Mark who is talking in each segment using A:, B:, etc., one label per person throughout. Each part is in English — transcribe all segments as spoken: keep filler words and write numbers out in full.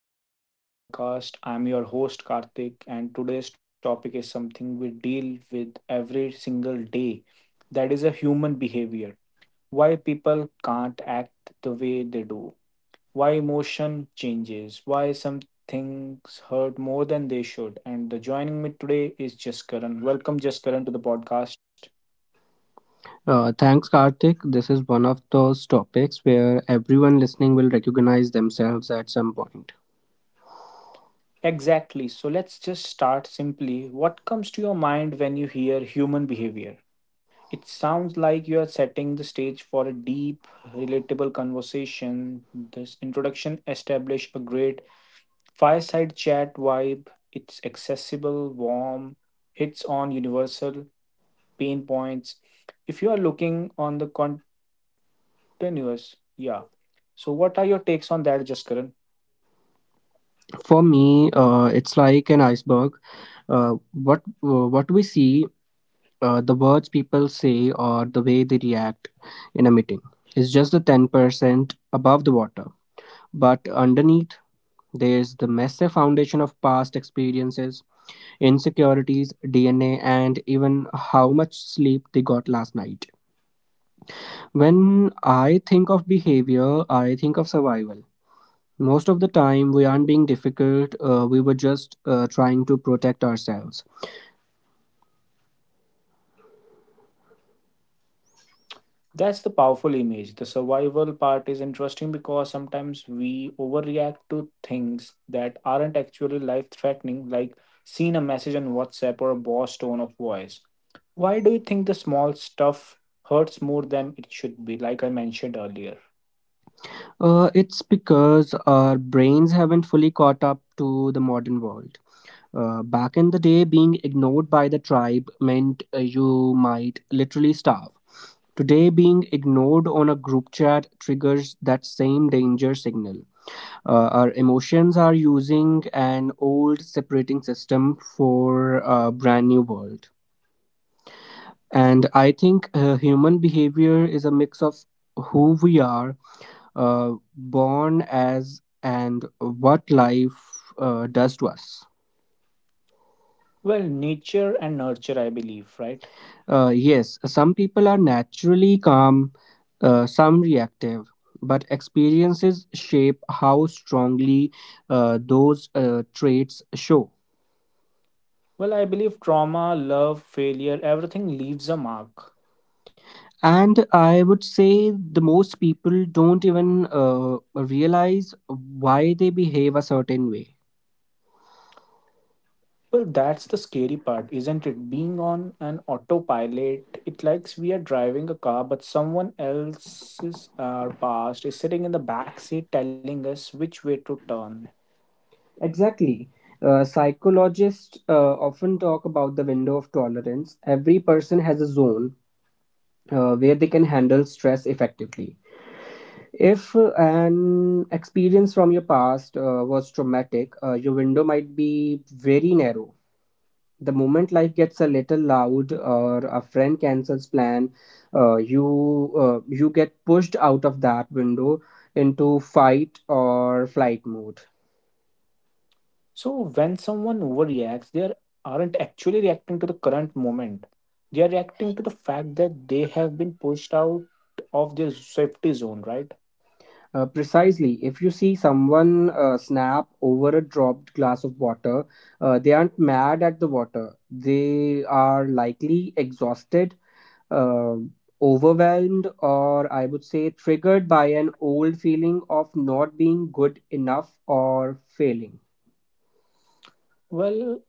A: back to the T P podcast. I'm your host, Karthik, and today's topic is something we deal with every single day, that is, a human behavior. Why people can't act the way they do, why emotion changes, why some things hurt more than they should. And the joining me today is Jaskaran. Welcome, Jaskaran, to the podcast.
B: Uh, thanks, Karthik. This is one of those topics where everyone listening will recognize themselves at some point.
A: Exactly. So let's just start simply. What comes to your mind when you hear human behavior? It sounds like you are setting the stage for a deep, relatable conversation. This introduction established a great fireside chat vibe. It's accessible, warm, hits on universal pain points. If you are looking on the continuous, yeah. So, what are your takes on that, Jaskaran?
B: For me, uh, it's like an iceberg. Uh, what uh, what we see, uh, the words people say, or the way they react in a meeting, is just the ten percent above the water. But underneath, there's the massive foundation of past experiences, insecurities, D N A, and even how much sleep they got last night. When I think of behavior, I think of survival. Most of the time, we aren't being difficult, uh, we were just uh, trying to protect ourselves.
A: That's the powerful image. The survival part is interesting because sometimes we overreact to things that aren't actually life threatening, like seeing a message on WhatsApp or a boss tone of voice. Why do you think the small stuff hurts more than it should be, like I mentioned earlier?
B: Uh, it's because our brains haven't fully caught up to the modern world. Uh, back in the day, being ignored by the tribe meant uh, you might literally starve. Today, being ignored on a group chat triggers that same danger signal. Uh, our emotions are using an old separating system for a brand new world, and I think uh, human behavior is a mix of who we are uh, born as and what life uh, does to us.
A: Well, nature and nurture, I believe, right?
B: Uh, yes, some people are naturally calm, uh, some reactive, but experiences shape how strongly uh, those uh, traits show.
A: Well, I believe trauma, love, failure, everything leaves a mark.
B: And I would say the most people don't even uh, realize why they behave a certain way.
A: Well, that's the scary part, isn't it? Being on an autopilot, it likes we are driving a car, but someone else's uh, past is sitting in the back seat telling us which way to turn.
B: Exactly. Uh, psychologists uh, often talk about the window of tolerance. Every person has a zone uh, where they can handle stress effectively. If uh, an experience from your past uh, was traumatic, uh, your window might be very narrow. The moment life gets a little loud or a friend cancels plan, uh, you uh, you get pushed out of that window into fight or flight mode.
A: So when someone overreacts, they are- aren't actually reacting to the current moment. They are reacting to the fact that they have been pushed out of their safety zone, right?
B: Uh, precisely, if you see someone uh, snap over a dropped glass of water, uh, they aren't mad at the water. They are likely exhausted, uh, overwhelmed, or I would say triggered by an old feeling of not being good enough or failing.
A: Well,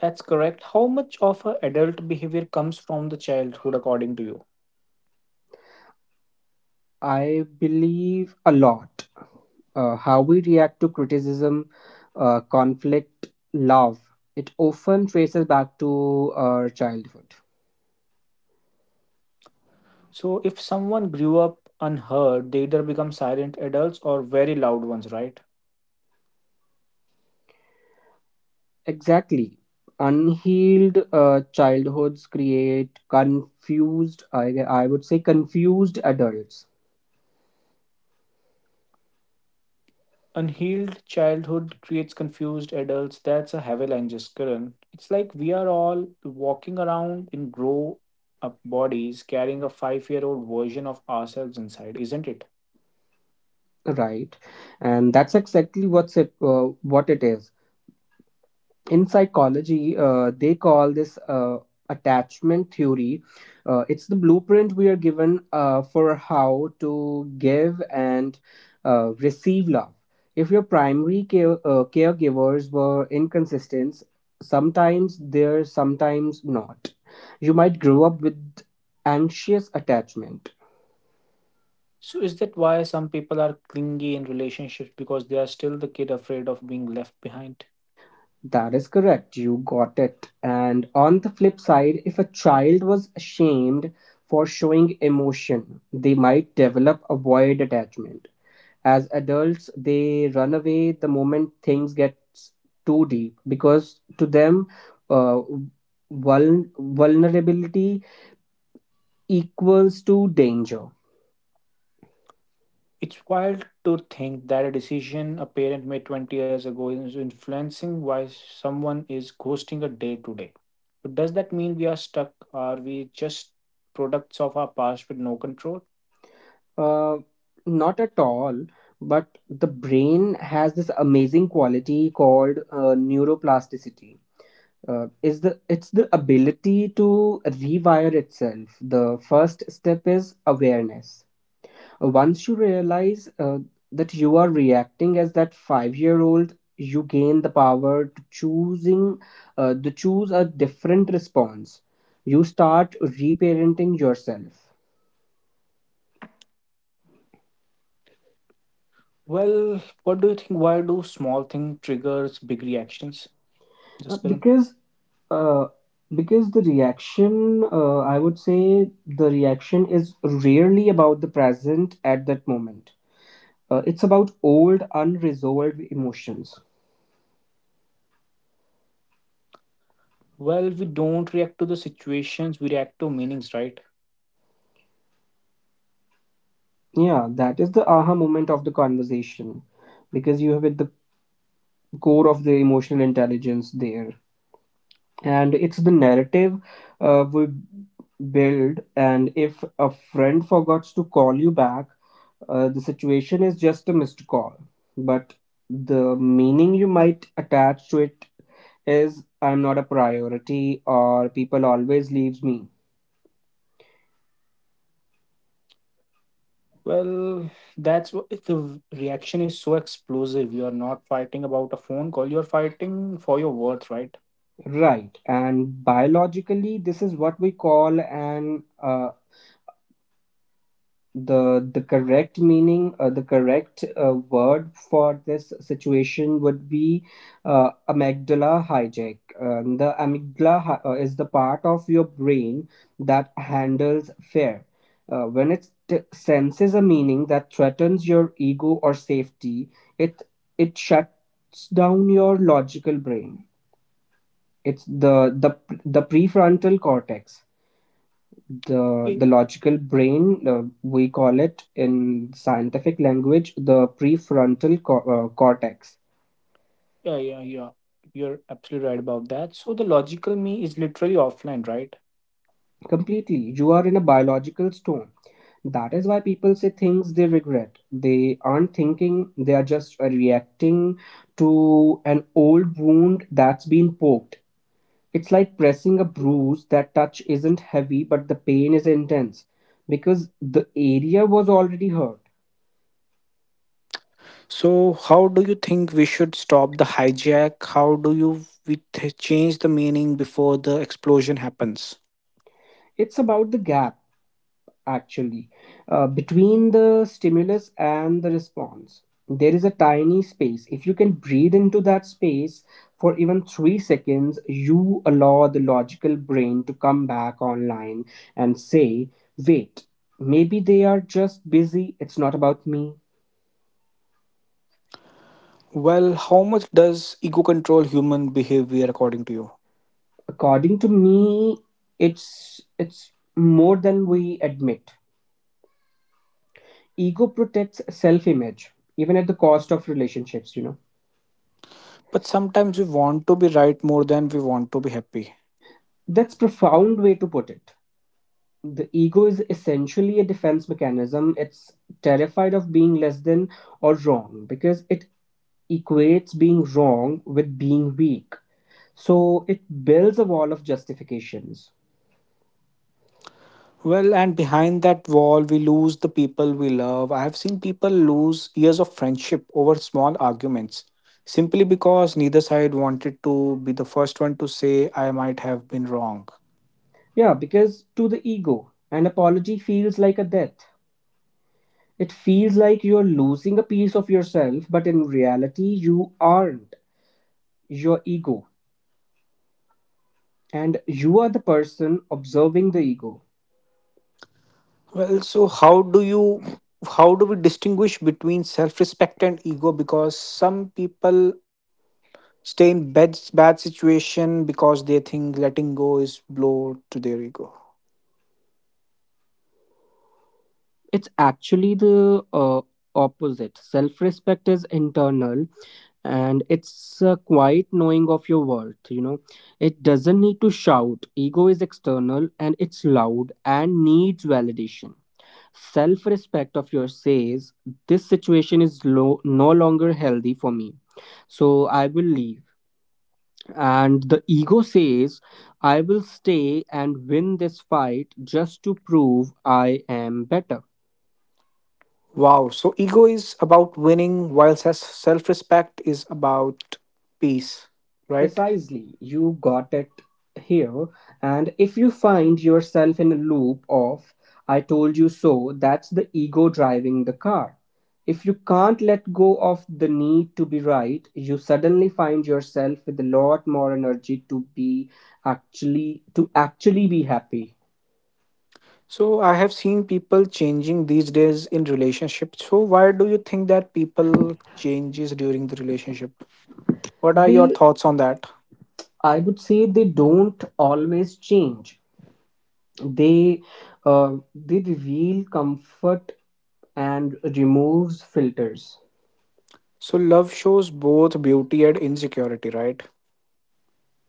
A: that's correct. How much of a adult behavior comes from the childhood, according to you?
B: I believe a lot. Uh, how we react to criticism, uh, conflict, love, it often traces back to our childhood.
A: So if someone grew up unheard, they either become silent adults or very loud ones, right?
B: Exactly. Unhealed uh, childhoods create confused, I, I would say, confused adults,
A: Unhealed childhood creates confused adults. That's a avalanche, Karan. It's like we are all walking around in grow up bodies carrying a five year old version of ourselves inside, isn't it?
B: right? And that's exactly what's it, uh, what it is. In psychology uh, they call this uh, attachment theory. Uh, it's the blueprint we are given uh, for how to give and uh, receive love. If your primary care, uh, caregivers were inconsistent, sometimes they're sometimes not, you might grow up with anxious attachment.
A: So is that why some people are clingy in relationships because they are still the kid afraid of being left behind?
B: That is correct. You got it. And on the flip side, if a child was ashamed for showing emotion, they might develop avoid attachment. As adults, they run away the moment things get too deep because to them, uh, vul- vulnerability equals to danger.
A: It's wild to think that a decision a parent made twenty years ago is influencing why someone is ghosting a day today. But does that mean we are stuck? Are we just products of our past with no control?
B: Uh, Not at all, but the brain has this amazing quality called uh, neuroplasticity. Uh, is the It's the ability to rewire itself. The first step is awareness. Uh, once you realize uh, that you are reacting as that five year old, you gain the power to choosing uh, to choose a different response. You start reparenting yourself.
A: Well, what do you think? Why do small thing triggers big reactions? Just
B: Uh,
A: Karan.
B: because uh, because the reaction uh, i would say the reaction is rarely about the present at that moment. Uh, it's about old, unresolved emotions.
A: Well, we don't react to the situations, we react to meanings, right?
B: Yeah, that is the aha moment of the conversation, because you have at the core of the emotional intelligence there. And it's the narrative uh, we build. And if a friend forgets to call you back, uh, the situation is just a missed call. But the meaning you might attach to it is I'm not a priority or people always leaves me.
A: Well, that's what if the reaction is so explosive. You are not fighting about a phone call, you're fighting for your worth, right?
B: Right, and biologically, this is what we call an uh, the the correct meaning, uh, the correct uh, word for this situation would be uh, amygdala hijack. Um, the amygdala hi- uh, is the part of your brain that handles fear. Uh, when it t- senses a meaning that threatens your ego or safety, it it shuts down your logical brain. It's the the the prefrontal cortex, the the logical brain. Uh, we call it in scientific language the prefrontal co- uh, cortex.
A: Yeah, yeah, yeah. You're absolutely right about that. So the logical me is literally offline, right?
B: Completely, you are in a biological storm. That is why people say things they regret. They aren't thinking; they are just uh, reacting to an old wound that's been poked. It's like pressing a bruise. That touch isn't heavy, but the pain is intense because the area was already hurt.
A: So how do you think we should stop the hijack? How do you we th- change the meaning before the explosion happens?
B: It's about the gap, actually, uh, between the stimulus and the response. There is a tiny space. If you can breathe into that space for even three seconds, you allow the logical brain to come back online and say, wait, maybe they are just busy. It's not about me.
A: Well, how much does ego control human behavior according to you?
B: According to me, it's it's more than we admit. Ego protects self-image, even at the cost of relationships, you know.
A: But sometimes we want to be right more than we want to be happy.
B: That's profound way to put it. The ego is essentially a defense mechanism. It's terrified of being less than or wrong because it equates being wrong with being weak. So it builds a wall of justifications.
A: Well, and behind that wall, we lose the people we love. I have seen people lose years of friendship over small arguments simply because neither side wanted to be the first one to say, I might have been wrong.
B: Yeah, because to the ego, an apology feels like a death. It feels like you're losing a piece of yourself, but in reality, you aren't. Your ego. And you are the person observing the ego.
A: Well, so how do you, how do we distinguish between self respect and ego? Because some people stay in bad, bad situation because they think letting go is blow to their ego.
B: It's actually the uh, opposite. Self respect is internal and it's a quiet knowing of your worth. You know, it doesn't need to shout. Ego is external and it's loud and needs validation. Self respect of yours says, this situation is low, no longer healthy for me. So I will leave. And the ego says, I will stay and win this fight just to prove I am better.
A: Wow. So ego is about winning, while self respect is about peace, right?
B: Precisely, you got it here. And if you find yourself in a loop of, I told you so, that's the ego driving the car. If you can't let go of the need to be right, you suddenly find yourself with a lot more energy to be actually to actually be happy.
A: So I have seen people changing these days in relationships. So why do you think that people changes during the relationship? What are your
B: They,
A: thoughts on that?
B: I would say, they don't always change. They, uh, they reveal comfort and removes filters.
A: So love shows both beauty and insecurity, right?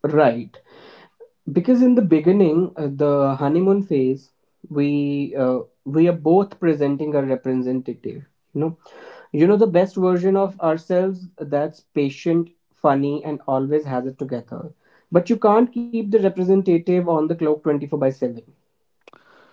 B: Right, because in the beginning, uh, the honeymoon phase, we uh, we are both presenting a representative. You know, you know the best version of ourselves that's patient, funny, and always has it together. But you can't keep the representative on the clock twenty four by seven.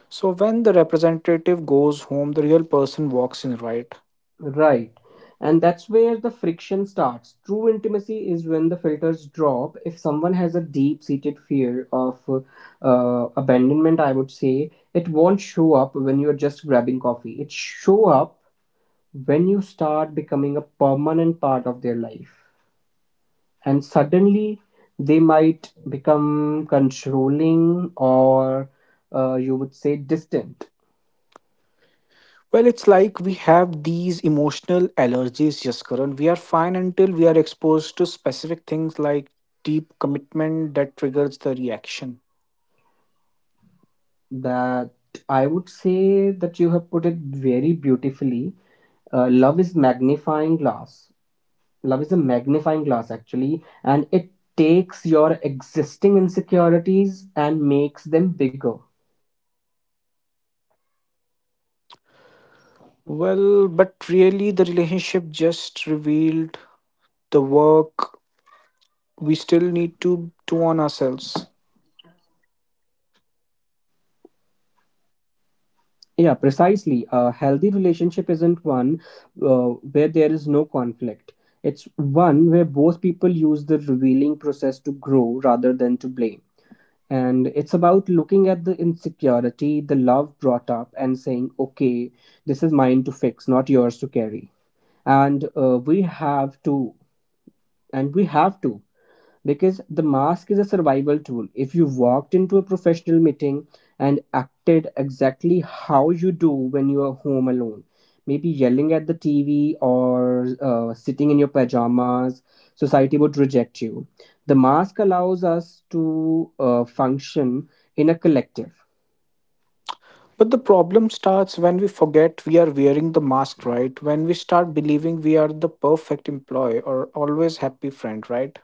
A: So when the representative goes home, the real person walks in, right?
B: Right. And that's where the friction starts. True intimacy is when the filters drop. If someone has a deep seated fear of uh, abandonment, I would say it won't show up when you're just grabbing coffee. It show up when you start becoming a permanent part of their life. And suddenly they might become controlling or uh, you would say distant.
A: Well, it's like we have these emotional allergies, yes, Karan. We are fine until we are exposed to specific things like deep commitment that triggers the reaction.
B: That I would say that You have put it very beautifully. uh, love is magnifying glass Love is a magnifying glass actually, and it takes your existing insecurities and makes them bigger.
A: Well, but really, the relationship just revealed the work we still need to do on ourselves.
C: Yeah, precisely. A healthy relationship isn't one uh, where there is no conflict. It's one where both people use the revealing process to grow rather than to blame. And it's about looking at the insecurity, the love brought up, and saying, okay, this is mine to fix, not yours to carry. And uh, we have to, and we have to because the mask is a survival tool. If you walked into a professional meeting and acted exactly how you do when you are home alone, maybe yelling at the T V or uh, sitting in your pajamas, society would reject you. The mask allows us to uh, function in a collective.
A: But the problem starts when we forget we are wearing the mask, right? When we start believing we are the perfect employee or always happy friend, right?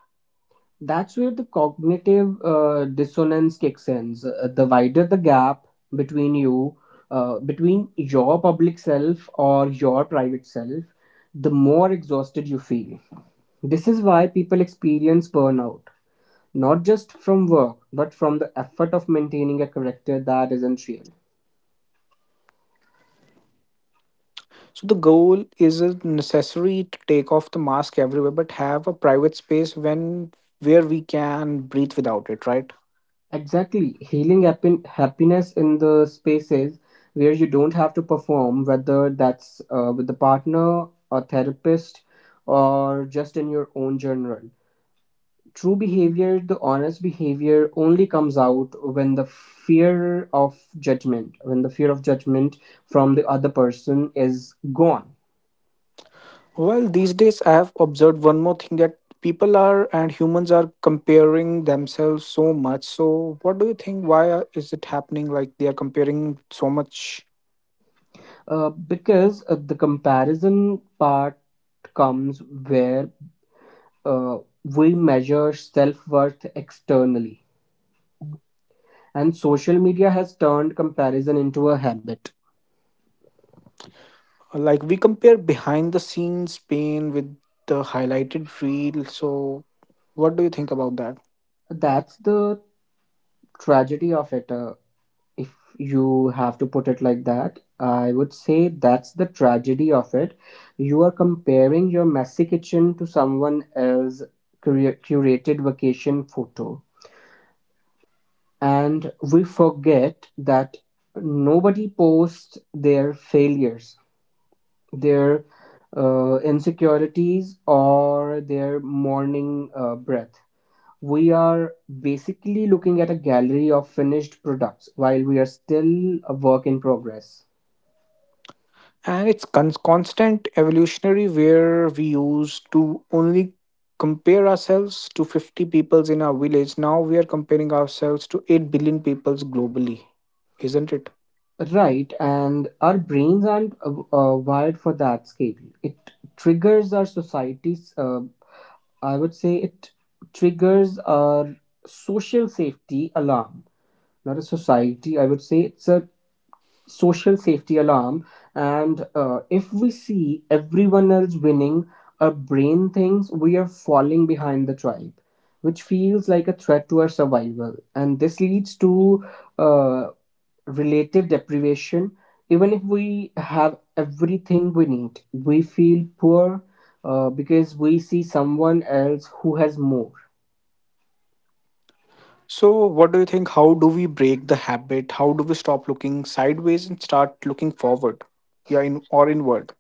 C: That's where the cognitive uh, dissonance kicks in. Uh, The wider the gap between you, uh, between your public self or your private self, the more exhausted you feel. This is why people experience burnout, not just from work, but from the effort of maintaining a character that isn't real.
A: So the goal isn't necessary to take off the mask everywhere, but have a private space when where we can breathe without it, right?
C: Exactly. Healing happen- happiness in the spaces where you don't have to perform, whether that's uh, with the partner, a therapist, or just in your own journal. True behavior, the honest behavior, only comes out when the fear of judgment, when the fear of judgment from the other person is gone.
A: Well, these days I have observed one more thing that people are and humans are comparing themselves so much. So what do you think? Why are- is it happening? Like they are comparing so much.
C: Uh, because uh, the comparison part comes where uh, we measure self worth externally. And social media has turned comparison into a habit.
A: Like we compare behind the scenes pain with the highlighted reel. So what do you think about that?
C: That's the tragedy of it. Uh, if you have to put it like that, I would say that's the tragedy of it. You are comparing your messy kitchen to someone else's cura- curated vacation photo. And we forget that nobody posts their failures, their uh, insecurities, or their morning uh, breath. We are basically looking at a gallery of finished products while we are still a work in progress.
A: And it's con- constant evolutionary where we used to only compare ourselves to fifty peoples in our village, now we are comparing ourselves to eight billion peoples globally, isn't it?
C: Right, and our brains aren't uh, uh, wired for that scale. It triggers our society's, uh, I would say, it triggers our social safety alarm. Not a society, I would say it's a social safety alarm and uh, If we see everyone else winning, our brain thinks we are falling behind the tribe, which feels like a threat to our survival, and this leads to uh, relative deprivation. Even if we have everything we need, we feel poor uh, because we see someone else who has more.
A: So what do you think, how do we break the habit, how do we stop looking sideways and start looking forward, yeah, in or inward?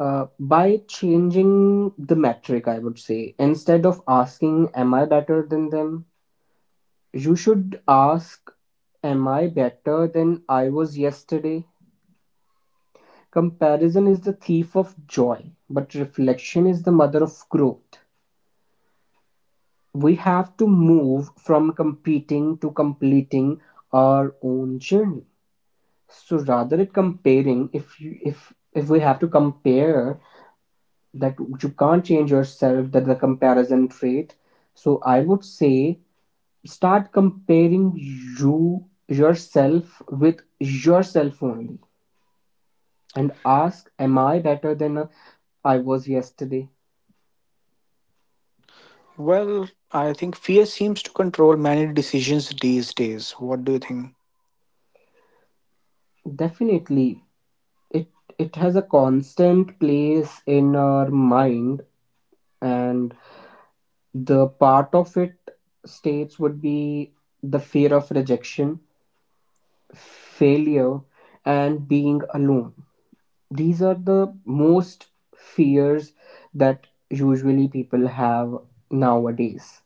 C: Uh, by changing the metric, I would say, instead of asking, am I better than them? You should ask, am I better than I was yesterday? Comparison is the thief of joy, but reflection is the mother of growth. We have to move from competing to completing our own journey. So rather than comparing, if you, if if we have to compare, that you can't change yourself, that the comparison trait. So I would say, start comparing you yourself with yourself only, and ask, am I better than uh, I was yesterday?
A: Well, I think fear seems to control many decisions these days. What do you think?
C: Definitely it it has a constant place in our mind, and the part of it states would be the fear of rejection, failure, and being alone. These are the most fears that usually people have nowadays.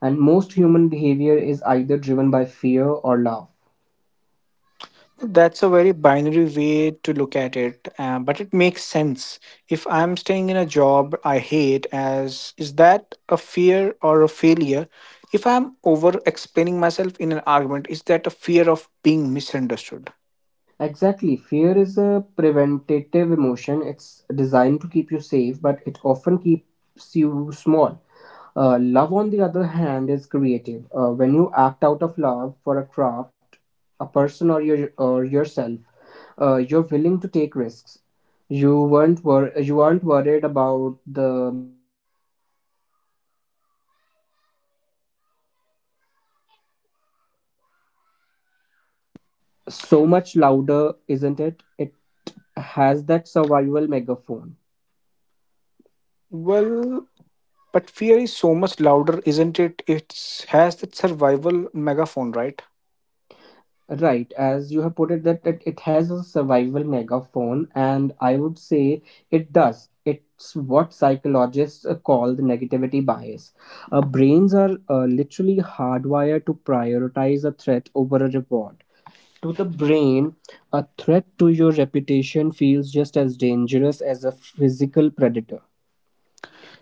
C: And most human behavior is either driven by fear or love.
A: That's a very binary way to look at it, uh, but it makes sense. If I'm staying in a job I hate, as is that a fear or a failure? If I'm over explaining myself in an argument, is that a fear of being misunderstood?
C: Exactly. Fear is a preventative emotion. It's designed to keep you safe, but it often keeps you small. Uh, love, on the other hand, is creative. Uh, when you act out of love for a craft, a person, or your or yourself, uh, you're willing to take risks. You weren't wor- you aren't worried about the
B: Much louder, isn't it? It has that survival megaphone.
A: Well, but fear is so much louder, isn't it? It has that survival megaphone, right?
B: Right, as you have put it, that it, it has a survival megaphone, and I would say it does. It's what psychologists uh, call the negativity bias. Our brains are uh, literally hardwired to prioritize a threat over a reward. To the brain, a threat to your reputation feels just as dangerous as a physical predator.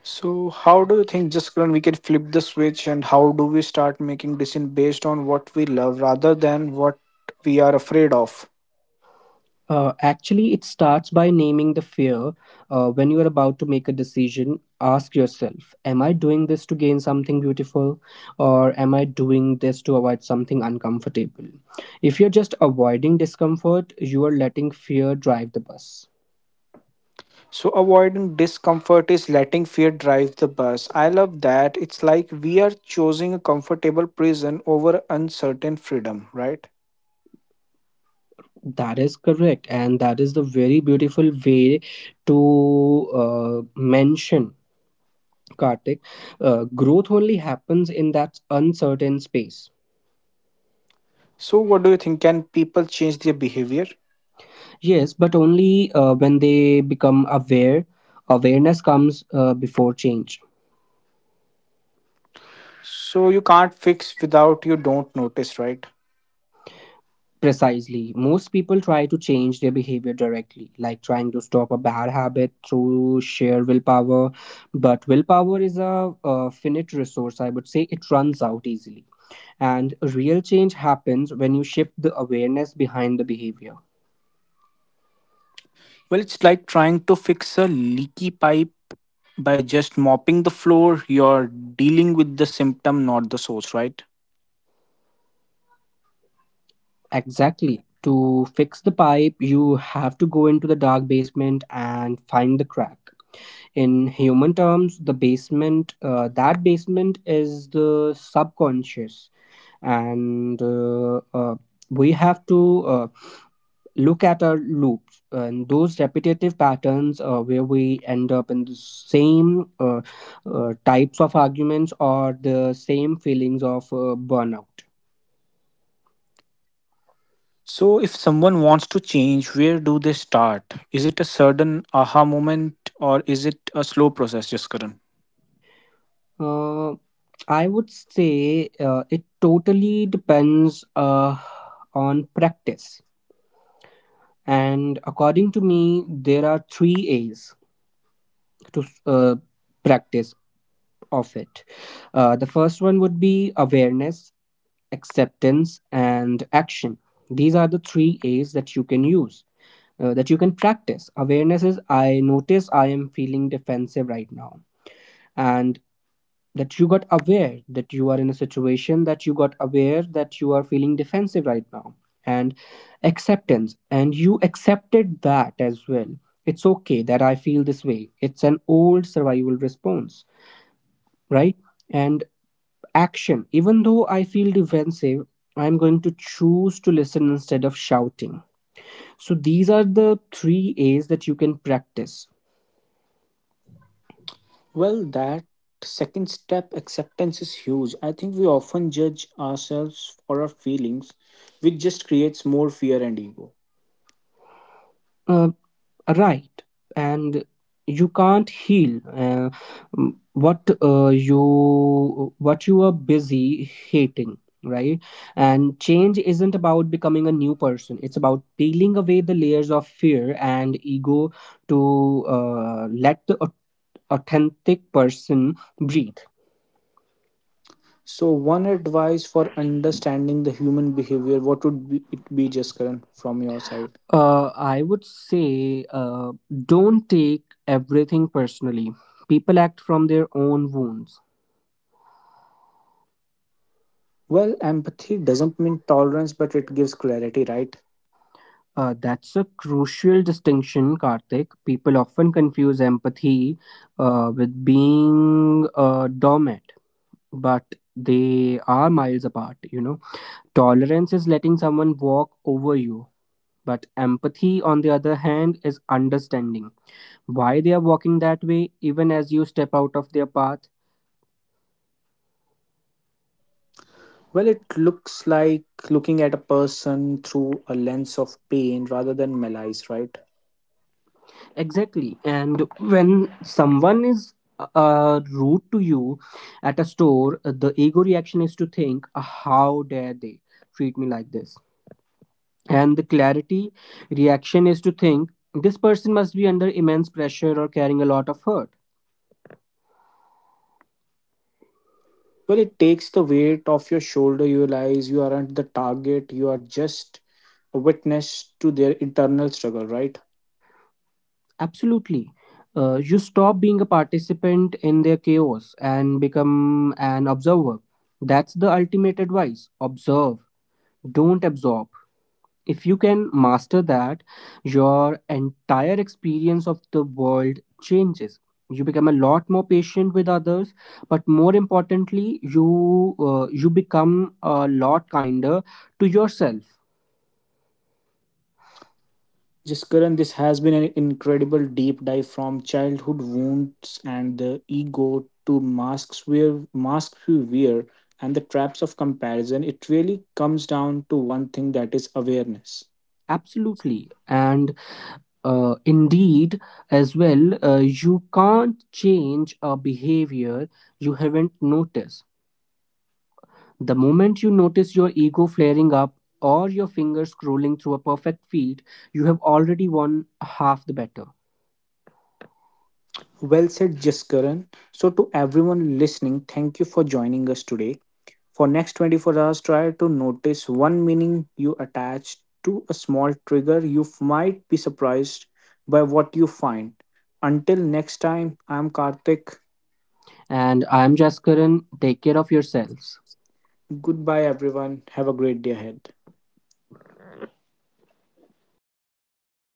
A: So, how do you think, Jaskaran, we can flip the switch and how do we start making decisions based on what we love rather than what we are afraid of?
B: Uh, actually, it starts by naming the fear. Uh, when you are about to make a decision, ask yourself, am I doing this to gain something beautiful? Or am I doing this to avoid something uncomfortable? If you're just avoiding discomfort, you are letting fear drive the bus.
A: So, avoiding discomfort is letting fear drive the bus. I love that. It's like we are choosing a comfortable prison over uncertain freedom, right?
B: That is correct. And that is the very beautiful way to uh, mention, Kartik. Uh, growth only happens in that uncertain space.
A: So, what do you think? Can people change their behavior?
B: Yes, but only uh, when they become aware. Awareness comes uh, before change.
A: So, you can't fix without you don't notice, right?
B: Precisely. Most people try to change their behavior directly, like trying to stop a bad habit through sheer willpower. But willpower is a, uh, finite resource, I would say. It runs out easily. And real change happens when you shift the awareness behind the behavior.
A: Well, it's like trying to fix a leaky pipe by just mopping the floor. You're dealing with the symptom, not the source, right?
B: Exactly. To fix the pipe, you have to go into the dark basement and find the crack. In human terms, the basement, uh, that basement is the subconscious, and uh, uh, we have to uh, look at our loops and those repetitive patterns uh, where we end up in the same uh, uh, types of arguments or the same feelings of uh, burnout.
A: So, if someone wants to change, where do they start? Is it a sudden aha moment or is it a slow process, just Karan?
B: uh, I would say uh, it totally depends uh, on practice, and according to me there are three A's to uh, practice of it. Uh, the first one would be awareness, acceptance and action. These are the three A's that you can use, uh, that you can practice. Awareness is, I notice I am feeling defensive right now. And that you got aware that you are in a situation that you got aware that you are feeling defensive right now. And acceptance, and you accepted that as well. It's okay that I feel this way, it's an old survival response. Right. And action, even though I feel defensive, I'm going to choose to listen instead of shouting. So these are the three A's that you can practice.
A: Well, that second step acceptance is huge. I think we often judge ourselves for our feelings, which just creates more fear and ego.
B: Uh, right. And you can't heal uh, m- what uh, you what you are busy hating, right? And change isn't about becoming a new person, it's about peeling away the layers of fear and ego to uh, let the au- authentic person breathe.
A: So, one advice for understanding the human behavior, what would be, it be, just Karan, from your side?
B: uh, I would say uh, don't take everything personally. People act from their own wounds.
A: Well, empathy doesn't mean tolerance, but it gives clarity, right?
B: Uh, that's a crucial distinction, Karthik. People often confuse empathy uh, with being a doormat, but they are miles apart, you know. Tolerance is letting someone walk over you, but empathy, on the other hand, is understanding why they are walking that way, even as you step out of their path.
A: Well, it looks like looking at a person through a lens of pain rather than malice, right?
B: Exactly. And when someone is uh, rude to you at a store, the ego reaction is to think, "Ah, how dare they treat me like this?" And the clarity reaction is to think, this person must be under immense pressure or carrying a lot of hurt.
A: Well, it takes the weight off your shoulder. You realize you aren't the target, you are just a witness to their internal struggle, right?
B: Absolutely. Uh, you stop being a participant in their chaos and become an observer. That's the ultimate advice. Observe, don't absorb. If you can master that, your entire experience of the world changes. You become a lot more patient with others, but more importantly you uh, you become a lot kinder to yourself.
A: Just Karan, this has been an incredible deep dive from childhood wounds and the ego to masks wear, masks we wear, and the traps of comparison. It really comes down to one thing that is awareness.
B: Absolutely. And uh, indeed as well, uh, you can't change a behavior you haven't noticed. The moment you notice your ego flaring up or your fingers scrolling through a perfect feed, you have already won half the battle.
A: Well said, Jaskaran. So, to everyone listening, thank you for joining us today. For next twenty-four hours, try to notice one meaning you attach to a small trigger. You might be surprised by what you find. Until next time, I'm Karthik.
B: And I am Jaskaran. Take care of yourselves.
A: Goodbye, everyone. Have a great day ahead.